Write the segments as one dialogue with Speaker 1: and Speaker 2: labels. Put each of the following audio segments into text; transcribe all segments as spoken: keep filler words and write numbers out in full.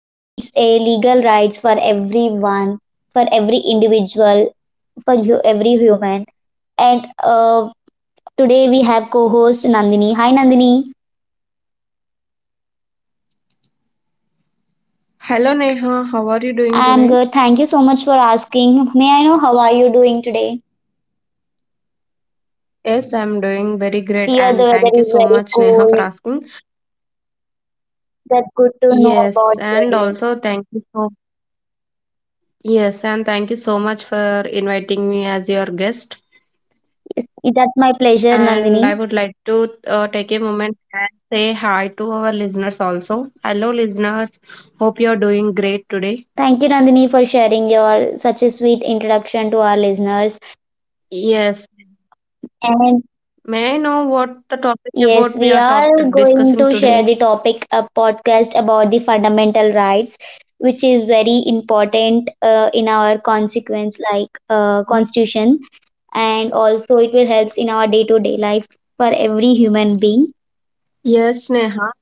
Speaker 1: and it's a legal rights for everyone, for every individual, for hu- every human. And uh, today we have co-host Nandini. Hi Nandini.
Speaker 2: Hello Neha, how are you doing
Speaker 1: I'm
Speaker 2: today?
Speaker 1: good. Thank you so much for asking. May I know how are you doing today?
Speaker 2: Yes, I'm doing very great
Speaker 1: Here the
Speaker 2: and
Speaker 1: weather
Speaker 2: thank you
Speaker 1: is
Speaker 2: so
Speaker 1: very
Speaker 2: much Neha for
Speaker 1: cold.
Speaker 2: asking.
Speaker 1: That's good to know about
Speaker 2: Yes,
Speaker 1: your
Speaker 2: and
Speaker 1: day.
Speaker 2: also thank you so Yes, and thank you so much for inviting me as your guest.
Speaker 1: That's my pleasure,
Speaker 2: And I
Speaker 1: Nandini.
Speaker 2: would like to uh, take a moment and say hi to our listeners also. Hello listeners, hope you're doing great today.
Speaker 1: Thank you, Nandini, for sharing your such a sweet introduction to our listeners.
Speaker 2: Yes,
Speaker 1: And
Speaker 2: may I know what the topic
Speaker 1: yes,
Speaker 2: about we
Speaker 1: we
Speaker 2: are
Speaker 1: are
Speaker 2: top
Speaker 1: going
Speaker 2: discussing
Speaker 1: to share
Speaker 2: today?
Speaker 1: the topic a podcast about the fundamental rights, which is very important uh, in our consequence like uh, constitution, and also it will helps in our day to day life for every human being.
Speaker 2: Yes, Neha.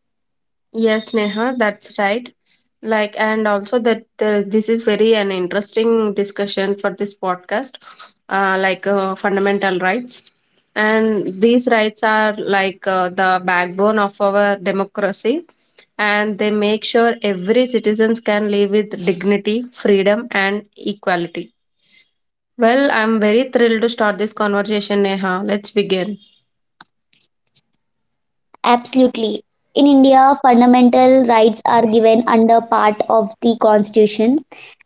Speaker 2: Yes, Neha, that's right. Like, and also that uh, this is very an interesting discussion for this podcast, uh, like uh, fundamental rights. And these rights are like uh, the backbone of our democracy, and they make sure every citizens can live with dignity, freedom, and equality. Well, I'm very thrilled to start this conversation, Neha. Let's begin.
Speaker 1: Absolutely. In India, fundamental rights are given under part of the constitution,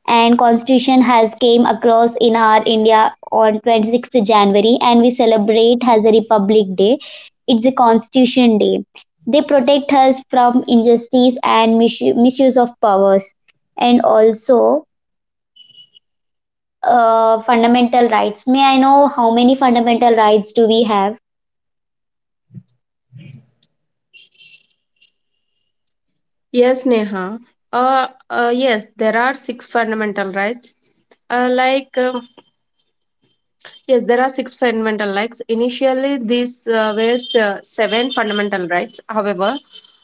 Speaker 1: and constitution has came across in our India on twenty-sixth January and we celebrate as a republic day. It's a constitution day. They protect us from injustice and misu- misuse of powers, and also uh, fundamental rights. May I know how many fundamental rights do we have?
Speaker 2: Yes, Neha. Uh, uh, yes, there are six fundamental rights. Uh, like um, Yes, there are six fundamental rights. Initially, these uh, were uh, seven fundamental rights. However,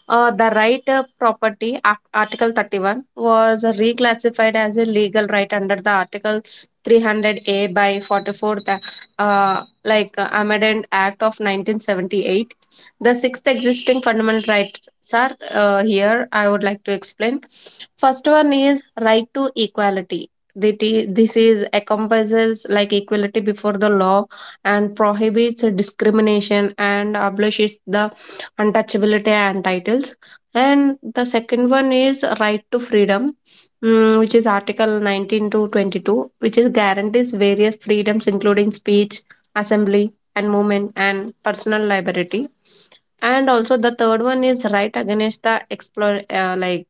Speaker 2: uh, the right of property, Ar- Article thirty-one, was uh, reclassified as a legal right under the Article three hundred A by forty-fourth, uh, like uh, Amendment Act of nineteen seventy-eight. The sixth existing fundamental rights are uh, here. I would like to explain. First one is right to equality that i- this is encompasses like equality before the law and prohibits discrimination and abolishes the untouchability and titles, and the second one is right to freedom, mm, which is article nineteen to twenty-two, which is guarantees various freedoms including speech, assembly, and movement and personal liberty. And also the third one is right against the explore uh, like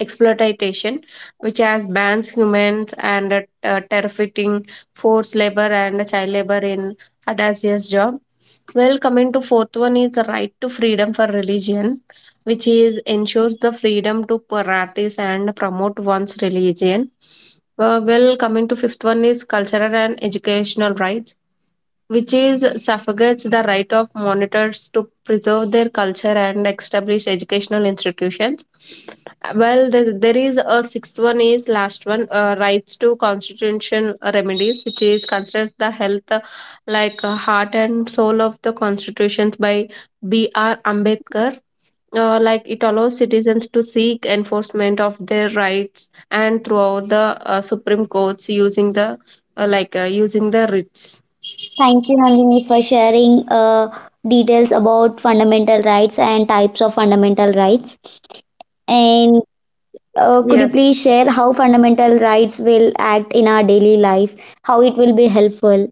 Speaker 2: exploitation, which has bans humans and uh, uh, terrifying forced labor and child labor in audacious job. Well, coming to fourth one is the right to freedom for religion, which is ensures the freedom to practice and promote one's religion. Uh, well, coming to fifth one is cultural and educational rights, which is suffrages the right of monitors to preserve their culture and establish educational institutions. Well, there, there is a sixth one is last one, uh, rights to constitution remedies, which is considers the health uh, like uh, heart and soul of the constitutions by B. R. Ambedkar. Uh, like it allows citizens to seek enforcement of their rights and throughout the uh, Supreme Courts using the uh, like uh, using the writs.
Speaker 1: Thank you, Nandini, for sharing uh, details about fundamental rights and types of fundamental rights. And uh, could you
Speaker 2: Yes.
Speaker 1: please share how fundamental rights will act in our daily life, how it will be helpful?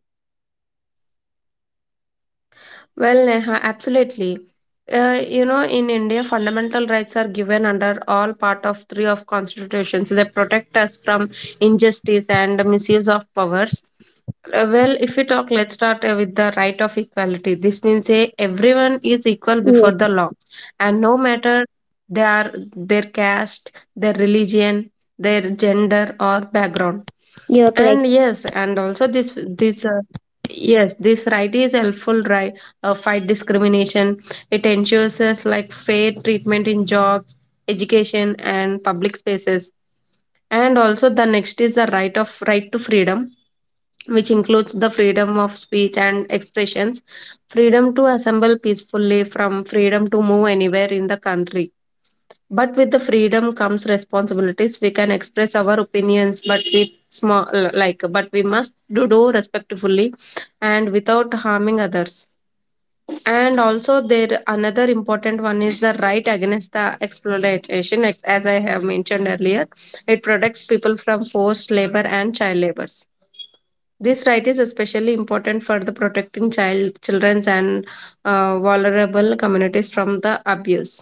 Speaker 2: Well, Neha, absolutely. Uh, you know, in India, fundamental rights are given under all part of three of constitutions. They protect us from injustice and misuse of powers. Uh, well, if we talk, let's start uh, with the right of equality. This means uh, everyone is equal before
Speaker 1: Yes,
Speaker 2: the law, and no matter their their caste, their religion, their gender or background.
Speaker 1: you're correct.
Speaker 2: And yes, and also this this uh, yes, this right is helpful right uh, fight discrimination. It ensures us like fair treatment in jobs, education, and public spaces. And also the next is the right of right to freedom, which includes the freedom of speech and expressions, freedom to assemble peacefully, from freedom to move anywhere in the country. But with the freedom comes responsibilities. We can express our opinions, but with small like but we must do, do respectfully and without harming others. And also there another important one is the right against the exploitation. Ex- As I have mentioned earlier, it protects people from forced labor and child labors. This right is especially important for the protecting child, children, and uh, vulnerable communities from the abuse.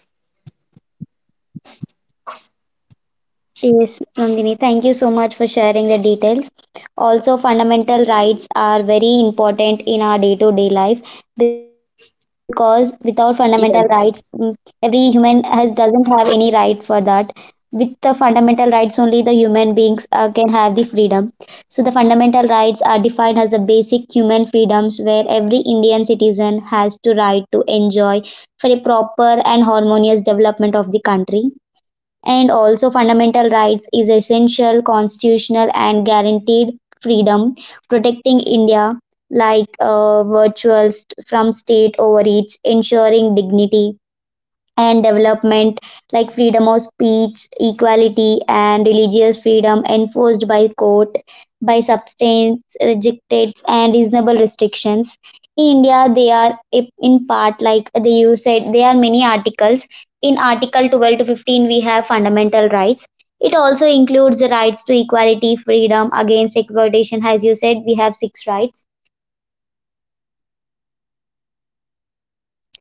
Speaker 1: Yes, Nandini, thank you so much for sharing the details. Also, fundamental rights are very important in our day to day life because without fundamental rights, mm,
Speaker 2: Yes.
Speaker 1: every human has doesn't have any right for that. With the fundamental rights, only the human beings uh, can have the freedom. So, the fundamental rights are defined as the basic human freedoms where every Indian citizen has to right to enjoy for a proper and harmonious development of the country, and also fundamental rights is essential constitutional and guaranteed freedom protecting india like uh, virtuals from state overreach ensuring dignity and development, like freedom of speech, equality, and religious freedom enforced by court by substance rejected and reasonable restrictions. In India, they are in part like they you said there are many articles. In Article twelve to fifteen, we have fundamental rights. It also includes the rights to equality, freedom against exploitation. As you said, we have six rights.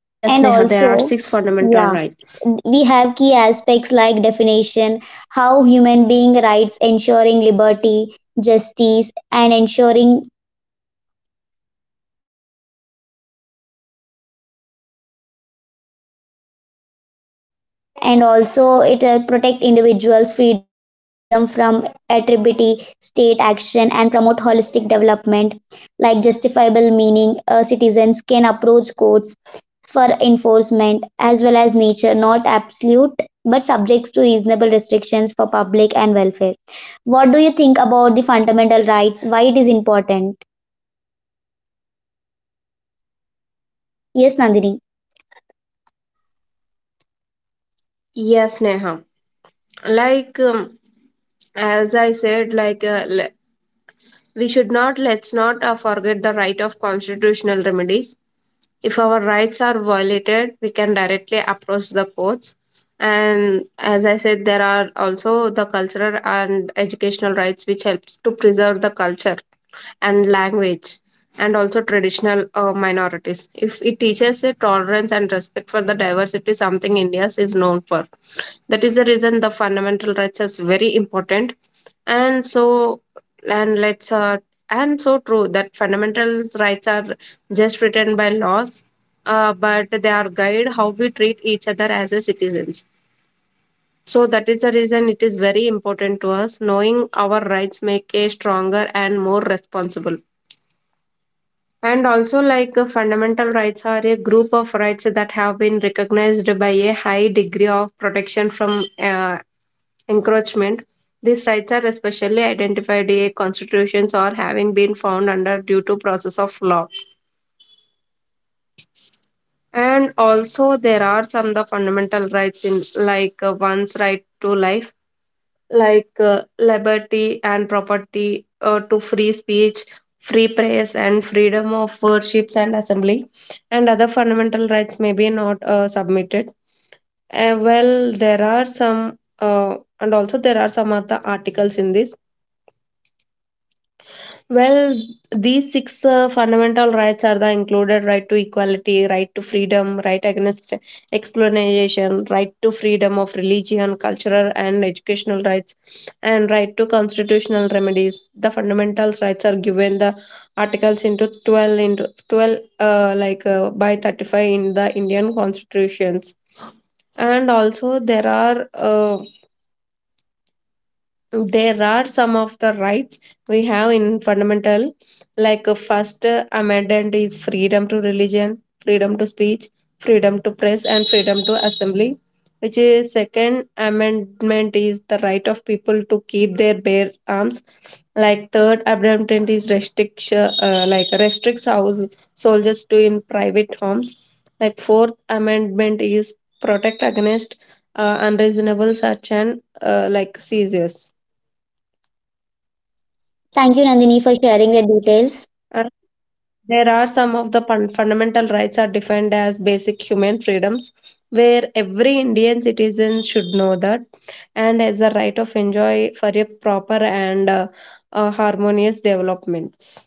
Speaker 2: Yes,
Speaker 1: And
Speaker 2: Neha, there are
Speaker 1: also,
Speaker 2: six fundamental
Speaker 1: yeah,
Speaker 2: rights.
Speaker 1: we have key aspects like definition, how human being rights ensuring liberty, justice, and ensuring, and also it uh, protect individuals freedom from attribute state action and promote holistic development like justifiable meaning uh, citizens can approach courts for enforcement, as well as nature, not absolute but subjects to reasonable restrictions for public and welfare. What do you think about the fundamental rights? Why it is important? Yes, Nandini.
Speaker 2: Yes, Neha. Like um, as I said, like uh, le- we should not let's not uh, forget the right of constitutional remedies. If our rights are violated, we can directly approach the courts. And as I said, there are also the cultural and educational rights, which helps to preserve the culture and language and also traditional uh, minorities if it teaches a tolerance and respect for the diversity, something india is known for. That is the reason the fundamental rights is very important. And so and let's uh, and so true that fundamental rights are just written by laws, uh, but they are guide how we treat each other as a citizens. So that is the reason it is very important to us. Knowing our rights make a stronger and more responsible. And also, like uh, fundamental rights are a group of rights that have been recognized by a high degree of protection from uh, encroachment. These rights are especially identified in constitutions or having been found under due to process of law. And also, there are some the fundamental rights in like uh, one's right to life, like uh, liberty and property, uh, to free speech, free press, and freedom of worships and assembly, and other fundamental rights may be not uh, submitted. Uh, well, there are some, uh, and also there are some other articles in this. Well, these six uh, fundamental rights are the included right to equality, right to freedom, right against exploitation, right to freedom of religion, cultural and educational rights, and right to constitutional remedies. The fundamental rights are given the articles into twelve into twelve uh, like uh, by thirty-five in the Indian constitutions. And also there are uh, there are some of the rights we have in fundamental, like uh, first uh, amendment is freedom to religion, freedom to speech, freedom to press, and freedom to assembly, which is second amendment is the right of people to keep their bare arms, like third amendment is restriction uh, like restricts house soldiers to in private homes, like fourth amendment is protect against uh, unreasonable search and uh, like seizures.
Speaker 1: Thank you, Nandini, for sharing the details.
Speaker 2: Uh, There are some of the fun- fundamental rights are defined as basic human freedoms, where every Indian citizen should know that, and as a right of enjoy for a proper and uh, uh, harmonious developments.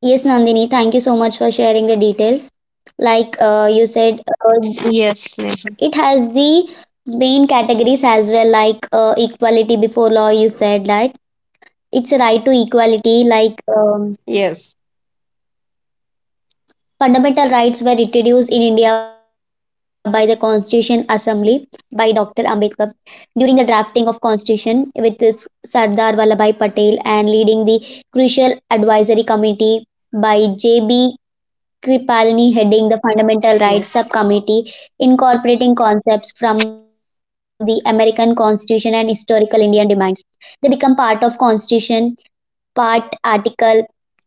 Speaker 1: Yes, Nandini, thank you so much for sharing the details. Like uh, you said, uh,
Speaker 2: Yes, Neha.
Speaker 1: it has the main categories as well, like uh, equality before law. You said that it's a right to equality, like um,
Speaker 2: Yes,
Speaker 1: fundamental rights were introduced in India by the Constitution Assembly by Doctor Ambedkar. During the drafting of constitution with Sardar Vallabhbhai Patel and leading the crucial advisory committee by J B. Kripalani heading the Fundamental Rights
Speaker 2: yes,
Speaker 1: Subcommittee, incorporating concepts from the American Constitution and historical Indian demands. They become part of Constitution, part article,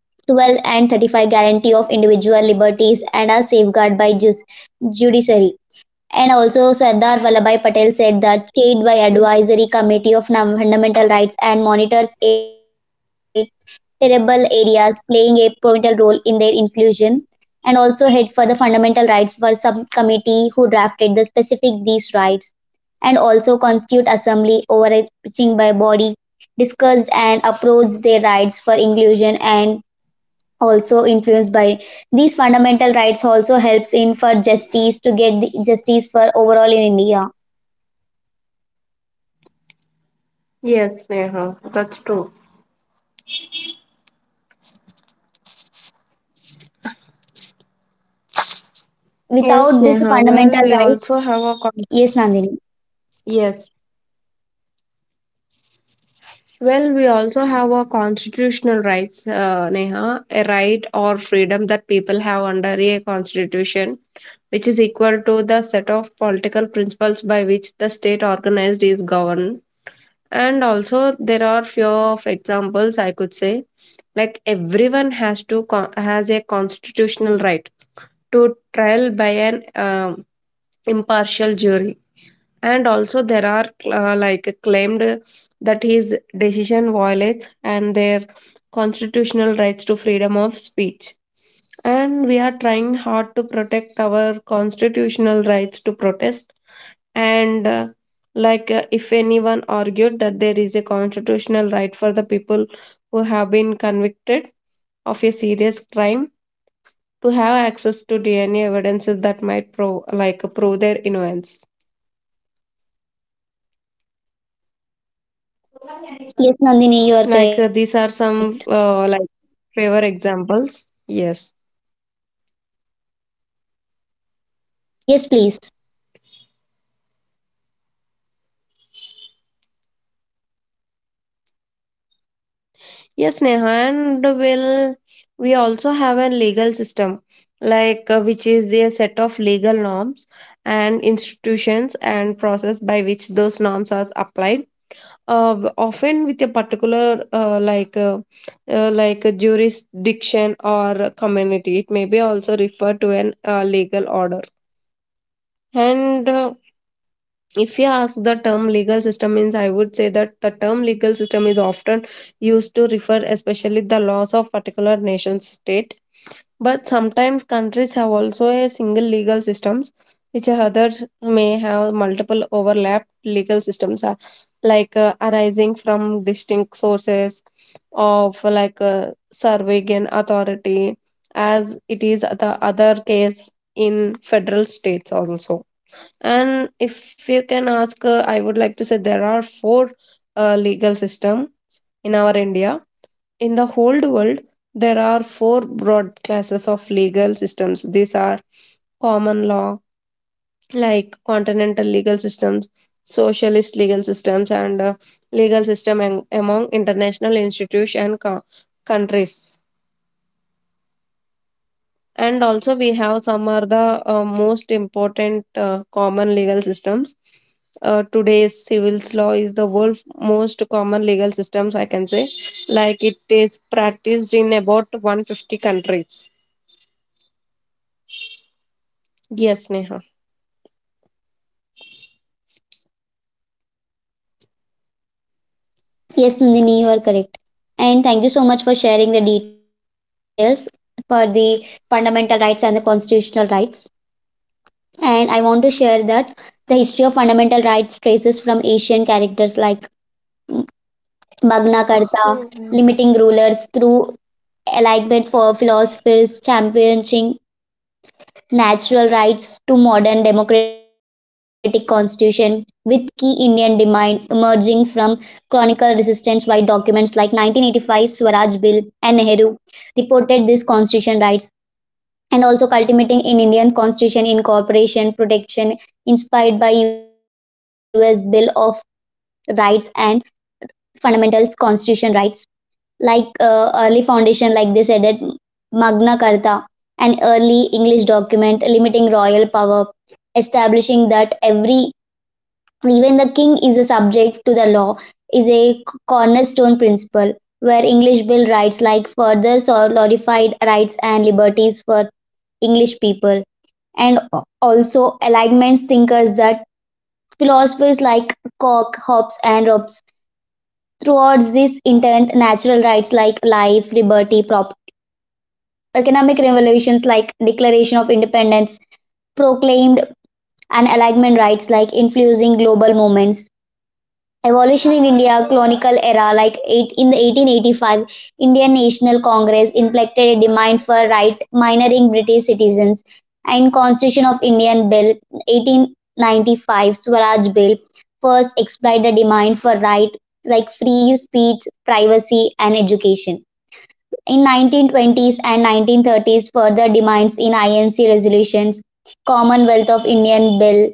Speaker 1: twelve and thirty-five guarantee of individual liberties and are safeguarded by jus- judiciary. And also Sardar Vallabhai Patel said that chaired by Advisory Committee of Fundamental Rights and monitors a terrible areas playing a pivotal role in their inclusion, and also head for the fundamental rights were subcommittee who drafted the specific these rights, and also constitute assembly overreaching by body discussed and approached their rights for inclusion, and also influenced by these fundamental rights also helps in for justice to get the justice for overall in India.
Speaker 2: yes, Neha. That's true. Yes,
Speaker 1: Without this
Speaker 2: Neha. Well,
Speaker 1: fundamental
Speaker 2: we
Speaker 1: right,
Speaker 2: also have a con-
Speaker 1: yes, Nandini.
Speaker 2: yes. Well, we also have a constitutional rights, uh, Neha, a right or freedom that people have under a constitution, which is equal to the set of political principles by which the state organized is governed. And also, there are few of examples I could say, like everyone has to con- has a constitutional right to trial by an um impartial jury. And also there are uh, like claimed that his decision violates and their constitutional rights to freedom of speech, and we are trying hard to protect our constitutional rights to protest. And uh, like uh, if anyone argued that there is a constitutional right for the people who have been convicted of a serious crime to have access to dna evidences that might prove like prove their innocence.
Speaker 1: Yes, Nandini, you are
Speaker 2: Like uh,
Speaker 1: correct.
Speaker 2: these are some uh, like favor examples? Yes.
Speaker 1: Yes, please.
Speaker 2: Yes, Neha, and will we also have a legal system, like uh, which is a set of legal norms and institutions and process by which those norms are applied. Uh, often with a particular uh, like uh, uh, like a jurisdiction or a community. It may be also referred to an uh, legal order. And uh, If you ask the term legal system means, I would say that the term legal system is often used to refer especially the laws of particular nation state. But sometimes countries have also a single legal systems, which others may have multiple overlapped legal systems, uh, like uh, arising from distinct sources of like uh, surveillance authority, as it is the other case in federal states also. And if you can ask, uh, I would like to say there are four uh, legal system in our India. In the whole world, there are four broad classes of legal systems. These are common law, like continental legal systems, socialist legal systems, and uh, legal system am- among international institutions and co- countries. And also, we have some are the uh, most important uh, common legal systems. Uh, today's civil law is the world's most common legal systems, I can say. Like it is practiced in about one hundred fifty countries. Yes, Neha.
Speaker 1: Yes, Nandini, you are correct. And thank you so much for sharing the details for the fundamental rights and the constitutional rights. And I want to share that the history of fundamental rights traces from Asian characters like Magna Carta,
Speaker 2: Oh,
Speaker 1: limiting rulers through alignment for philosophers, championing natural rights to modern democratic constitution with key Indian demand emerging from chronicle resistance while documents like nineteen eighty-five Swaraj Bill and Nehru reported this constitution rights, and also culminating in Indian constitution incorporation protection inspired by U S Bill of Rights and Fundamentals Constitution Rights. Like uh, early foundation, like they said that Magna Carta, an early English document limiting royal power, establishing that every even the king is a subject to the law is a cornerstone principle where English bill rights like further solidified rights and liberties for English people, and also alignments thinkers that philosophers like Locke, Hobbes and Robes towards this intent, natural rights like life, liberty, property, economic revolutions like Declaration of Independence proclaimed and alignment rights like influencing global movements. Evolution in India colonial era like eight, in eighteen eighty-five Indian National Congress implemented a demand for right minoring British citizens and Constitution of Indian Bill eighteen ninety-five Swaraj Bill first explored the demand for right like free speech, privacy and education. In nineteen twenties and nineteen thirties further demands in I N C resolutions Commonwealth of Indian Bill,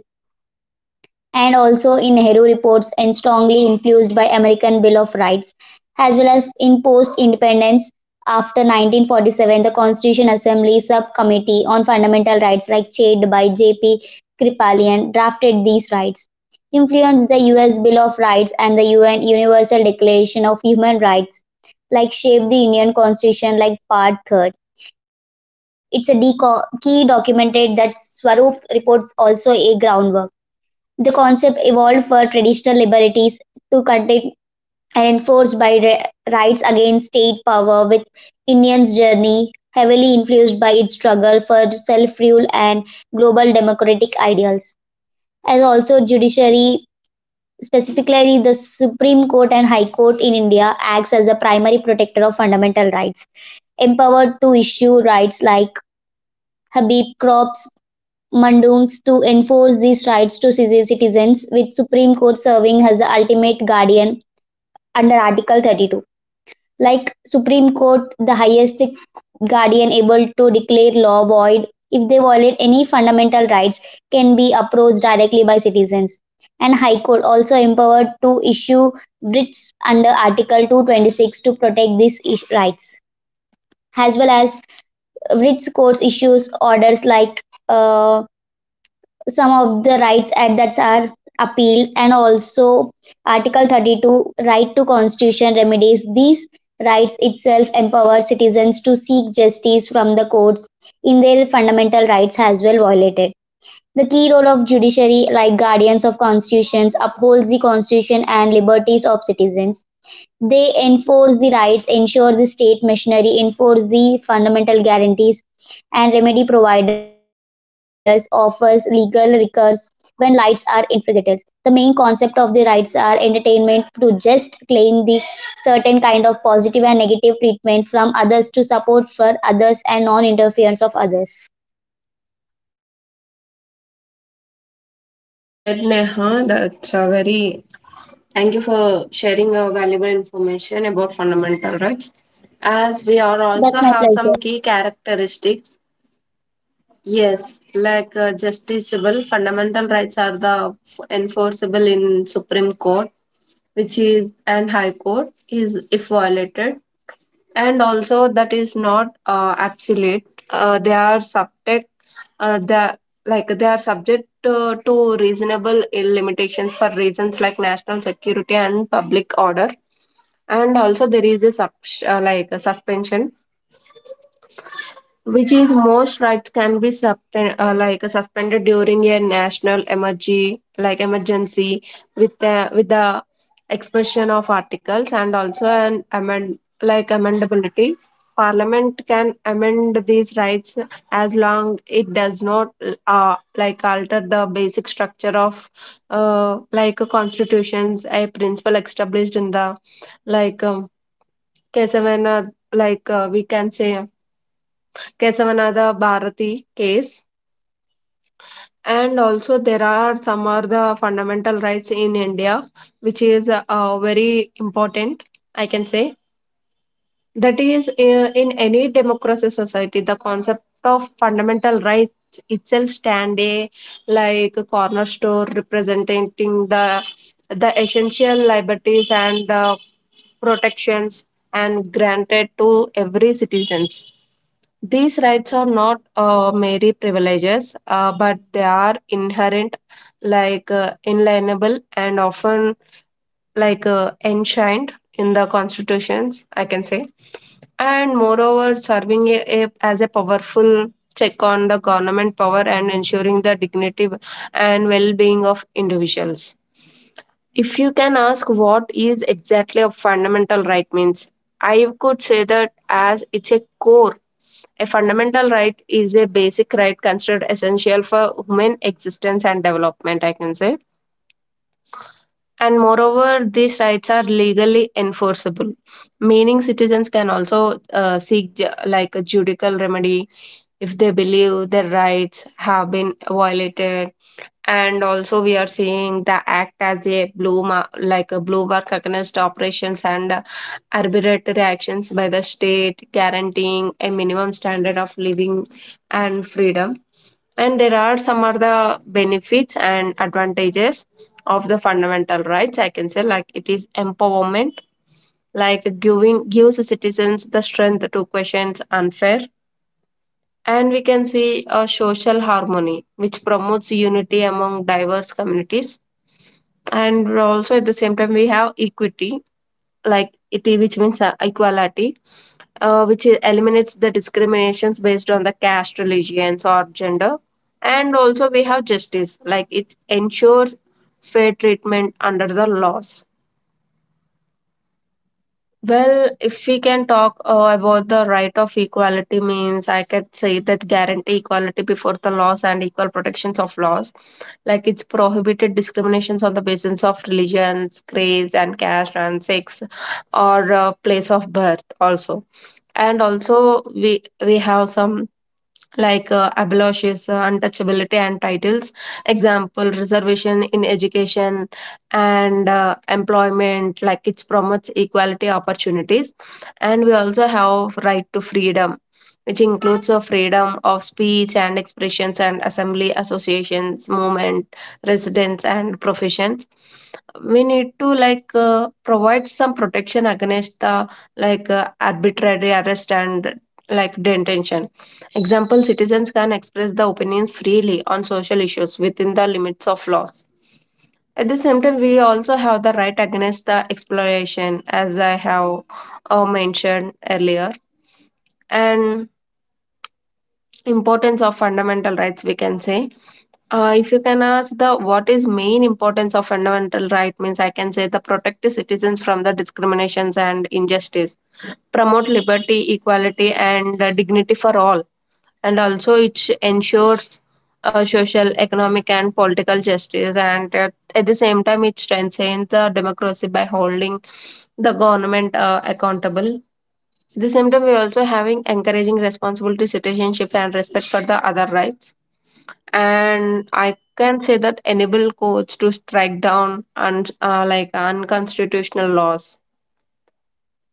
Speaker 1: and also in Nehru reports and strongly influenced by American Bill of Rights as well as in post independence after nineteen forty-seven the Constitution Assembly subcommittee on fundamental rights like chaired by J P Kripalyan drafted these rights influenced the U S Bill of Rights and the U N Universal Declaration of Human Rights like shaped the Indian Constitution like part three. It's a key documented that Swarup reports also a groundwork, the concept evolved for traditional liberties to contain and enforced by rights against state power with India's journey heavily influenced by its struggle for self-rule and global democratic ideals. As also judiciary, specifically the Supreme Court and High Court in India acts as a primary protector of fundamental rights, empowered to issue rights like Habib crops mandamus to enforce these rights to citizens with Supreme Court serving as the ultimate guardian under Article thirty-two. Like Supreme Court, the highest guardian able to declare law void if they violate any fundamental rights can be approached directly by citizens. And High Court also empowered to issue writs under Article two twenty-six to protect these rights. As well as writs courts issues orders like uh, some of the rights at that are appealed, and also article thirty-two right to constitution remedies these rights itself empower citizens to seek justice from the courts in their fundamental rights as well violated, the key role of judiciary like guardians of constitutions upholds the constitution and liberties of citizens they enforce the rights, ensure the state machinery, enforce the fundamental guarantees, and remedy providers offers legal recourse when rights are infringed. The main concept of the rights are entertainment to just claim the certain kind of positive and negative treatment from others to support for others and non-interference of others.
Speaker 2: well said, Neha. That's a very thank you for sharing your valuable information about fundamental rights. As we are
Speaker 1: That's
Speaker 2: also
Speaker 1: my
Speaker 2: have
Speaker 1: pleasure.
Speaker 2: some key characteristics. Yes, like uh, justiciable fundamental rights are the f- enforceable in Supreme Court, which is and High Court is if violated, and also that is not uh, absolute. Uh, they are subject. Uh, the like they are subject uh, to reasonable limitations for reasons like national security and public order, and also there is a sub- uh, like a suspension which is most rights can be suspend, uh, like suspended during a national emergency like emergency with the with the expression of articles, and also an amend like amendability. Parliament can amend these rights as long it does not uh, like alter the basic structure of uh, like constitutions, a principle established in the like um, case when uh, like uh, we can say Kesavanada Bharati case. And also, there are some are the fundamental rights in India, which is uh, very important, I can say. That is, uh, in any democracy society, the concept of fundamental rights itself stand a like a cornerstone representing the the essential liberties and uh, protections and granted to every citizens. These rights are not uh, merely privileges, uh, but they are inherent, like uh, inalienable, and often like uh, enshrined in the constitutions, I can say. And moreover, serving a, a, as a powerful check on the government power and ensuring the dignity and well-being of individuals. If you can ask what is exactly a fundamental right means, I could say that as it's a core, a fundamental right is a basic right considered essential for human existence and development, I can say. And moreover, these rights are legally enforceable, meaning citizens can also uh, seek ju- like a judicial remedy if they believe their rights have been violated. And also, we are seeing the act as a blue ma- like a blue mark against operations and uh, arbitrary actions by the state, guaranteeing a minimum standard of living and freedom, and there are some are the benefits and advantages of the fundamental rights. I can say like it is empowerment, like giving gives citizens the strength to question unfair. And we can see a social harmony, which promotes unity among diverse communities. And also at the same time, we have equity, like it which means uh, equality, uh, which i- eliminates the discriminations based on the caste, religions, or gender. And also we have justice, like it ensures fair treatment under the laws. Well, if we can talk uh, about the right of equality, means I can say that guarantee equality before the laws and equal protections of laws. Like it's prohibited discriminations on the basis of religions, race, and caste, and sex, or uh, place of birth, also. And also, we we have some like uh, abolishes uh, untouchability and titles, example reservation in education and uh, employment, like it promotes equality opportunities. And we also have right to freedom, which includes a freedom of speech and expressions and assembly, associations, movement, residence, and professions. We need to like uh, provide some protection against the like uh, arbitrary arrest and like detention. Example, citizens can express their opinions freely on social issues within the limits of laws. At the same time, we also have the right against the exploration, as I have uh, mentioned earlier, and importance of fundamental rights. We can say, uh, if you can ask the what is main importance of fundamental right means, I can say the protect citizens from the discriminations and injustice, promote liberty, equality, and uh, dignity for all. And also it ensures uh, social, economic, and political justice. And uh, at the same time, it strengthens the democracy by holding the government uh, accountable. At the same time, we also having encouraging responsibility, citizenship, and respect for the other rights. And I can say that enable courts to strike down and uh, like unconstitutional laws.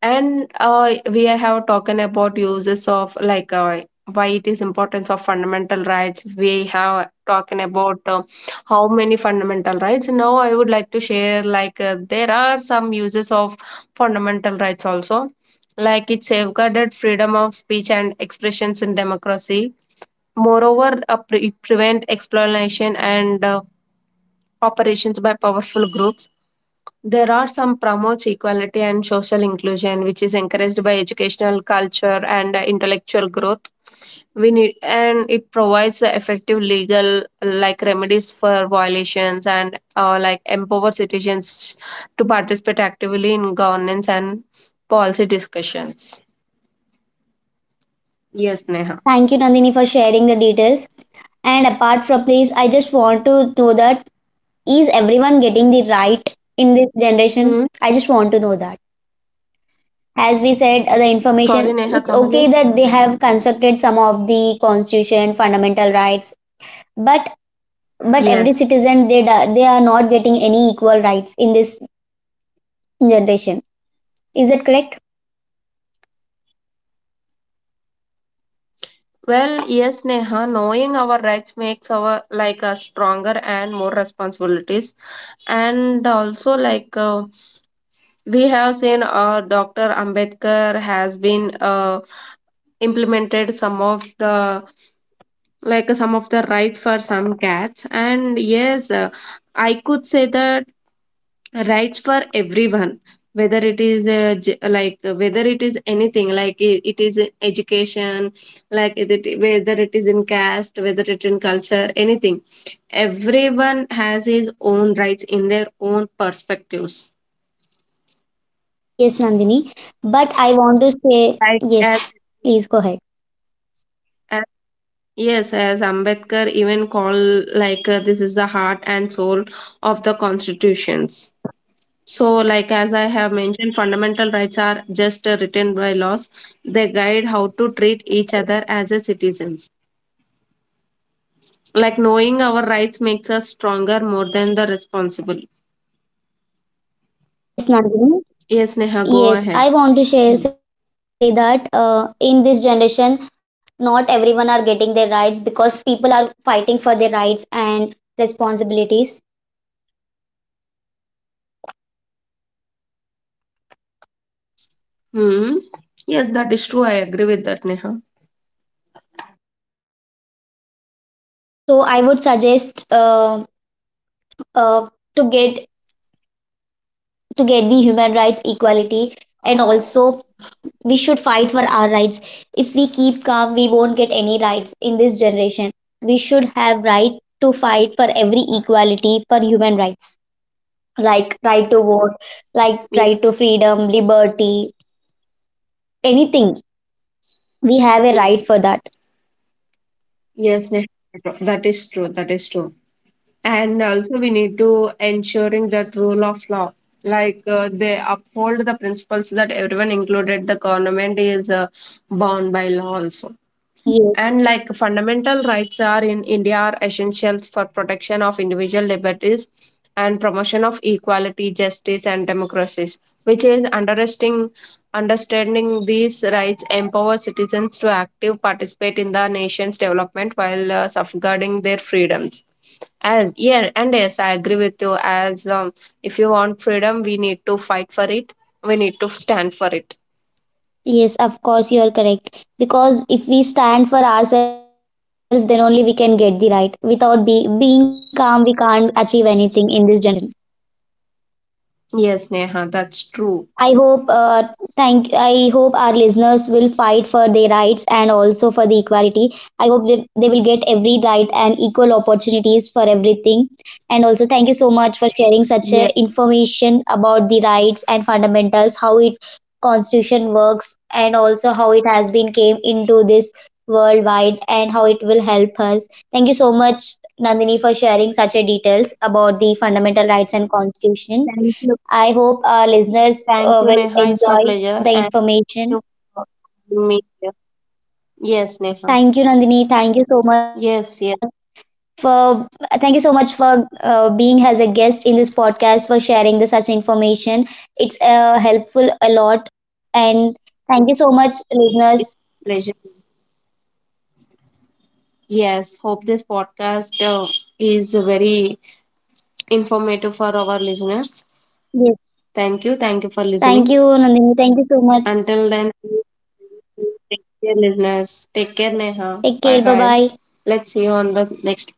Speaker 2: And uh, we have talking about uses of like uh, why it is importance of fundamental rights. We have talking about uh, how many fundamental rights. Now I would like to share like uh, there are some uses of fundamental rights also, like it safeguarded freedom of speech and expressions in democracy. Moreover, uh, pre- it prevent exploitation and uh, operations by powerful groups. There are some promotes equality and social inclusion, which is encouraged by educational culture and uh, intellectual growth. We need and it provides uh, effective legal like remedies for violations and uh, like empower citizens to participate actively in governance and policy discussions. Yes, Neha.
Speaker 1: Thank you, Nandini, for sharing the details. And apart from this, I just want to know that is everyone getting the right in this generation?
Speaker 2: Hmm.
Speaker 1: I just want to know that. As we said, uh, the
Speaker 2: Sorry,
Speaker 1: information,
Speaker 2: Neha,
Speaker 1: it's
Speaker 2: come
Speaker 1: okay
Speaker 2: again.
Speaker 1: that they have constructed some of the constitution, fundamental rights, but but every
Speaker 2: Yes.
Speaker 1: citizen they do- they are not getting any equal rights in this generation. Is that correct?
Speaker 2: Well, yes, Neha, knowing our rights makes our like us stronger and more responsibilities, and also like uh, we have seen uh, dr ambedkar has been uh, implemented some of the like some of the rights for some cats. And yes, uh, I could say that rights for everyone, whether it is uh, j- like whether it is anything, like it, it is in education, like it, it- whether it is in caste, whether it in culture, anything, everyone has his own rights in their own perspectives.
Speaker 1: Yes, Nandini. But I want to say
Speaker 2: like as
Speaker 1: yes. Please go ahead.
Speaker 2: As, yes, as Ambedkar even called like uh, this is the heart and soul of the constitutions. So, like as I have mentioned, fundamental rights are just uh, written by laws. They guide how to treat each other as a citizens. Like knowing our rights makes us stronger more than the responsible.
Speaker 1: Yes, Nandini.
Speaker 2: Yes, Neha, go
Speaker 1: Yes,
Speaker 2: ahead.
Speaker 1: I want to share, say that uh, in this generation, not everyone are getting their rights because people are fighting for their rights and responsibilities.
Speaker 2: Hmm. Yes, that is true. I agree with that, Neha.
Speaker 1: So I would suggest uh, uh, to get to get the human rights equality, and also we should fight for our rights. If we keep calm, we won't get any rights in this generation. We should have right to fight for every equality for human rights, like right to vote, like
Speaker 2: Yes,
Speaker 1: right to freedom, liberty, anything. We have a
Speaker 2: yes,
Speaker 1: right for that.
Speaker 2: yes, Neha. That is true. That is true. And also we need to ensuring that rule of law, like uh, they uphold the principles that everyone included the government is uh, bound by law also.
Speaker 1: Yes,
Speaker 2: And like fundamental rights are in india are essentials for protection of individual liberties and promotion of equality, justice, and democracies, which is understanding understanding these rights empower citizens to active participate in the nation's development while uh, safeguarding their freedoms. As yeah, and yes, I agree with you. As um, if you want freedom, we need to fight for it. We need to stand for it.
Speaker 1: yes, of course you are correct. Because if we stand for ourselves, then only we can get the right. Without be, being calm, we can't achieve anything in this generation.
Speaker 2: Yes, Neha, that's true.
Speaker 1: I hope uh, thank I hope our listeners will fight for their rights and also for the equality. I hope they, they will get every right and equal opportunities for everything. And also thank you so much for sharing such
Speaker 2: Yes,
Speaker 1: a information about the rights and fundamentals, how it constitution works and also how it has been came into this worldwide and how it will help us. Thank you so much Nandini for sharing such a details about the fundamental rights and constitution.
Speaker 2: thank you,
Speaker 1: I hope our listeners
Speaker 2: thank
Speaker 1: uh,
Speaker 2: you,
Speaker 1: will
Speaker 2: Neha. It's my
Speaker 1: enjoy
Speaker 2: pleasure,
Speaker 1: the
Speaker 2: and thank
Speaker 1: information.
Speaker 2: you for having me here. Yes, Neha.
Speaker 1: Thank you, Nandini. Thank you so much
Speaker 2: Yes, yes,
Speaker 1: for thank you so much for uh, being as a guest in this podcast for sharing the such information. It's uh, helpful a lot, and thank you so much,
Speaker 2: it's
Speaker 1: listeners.
Speaker 2: a pleasure. Yes, hope this podcast uh, is very informative for our listeners.
Speaker 1: Yes.
Speaker 2: Thank you, thank you for
Speaker 1: Thank
Speaker 2: listening.
Speaker 1: you, Nandini. Thank you so much.
Speaker 2: Until then. Take care, listeners. Take care, Neha.
Speaker 1: Take
Speaker 2: Bye
Speaker 1: care. Bye
Speaker 2: bye.
Speaker 1: bye.
Speaker 2: Let's see you on the next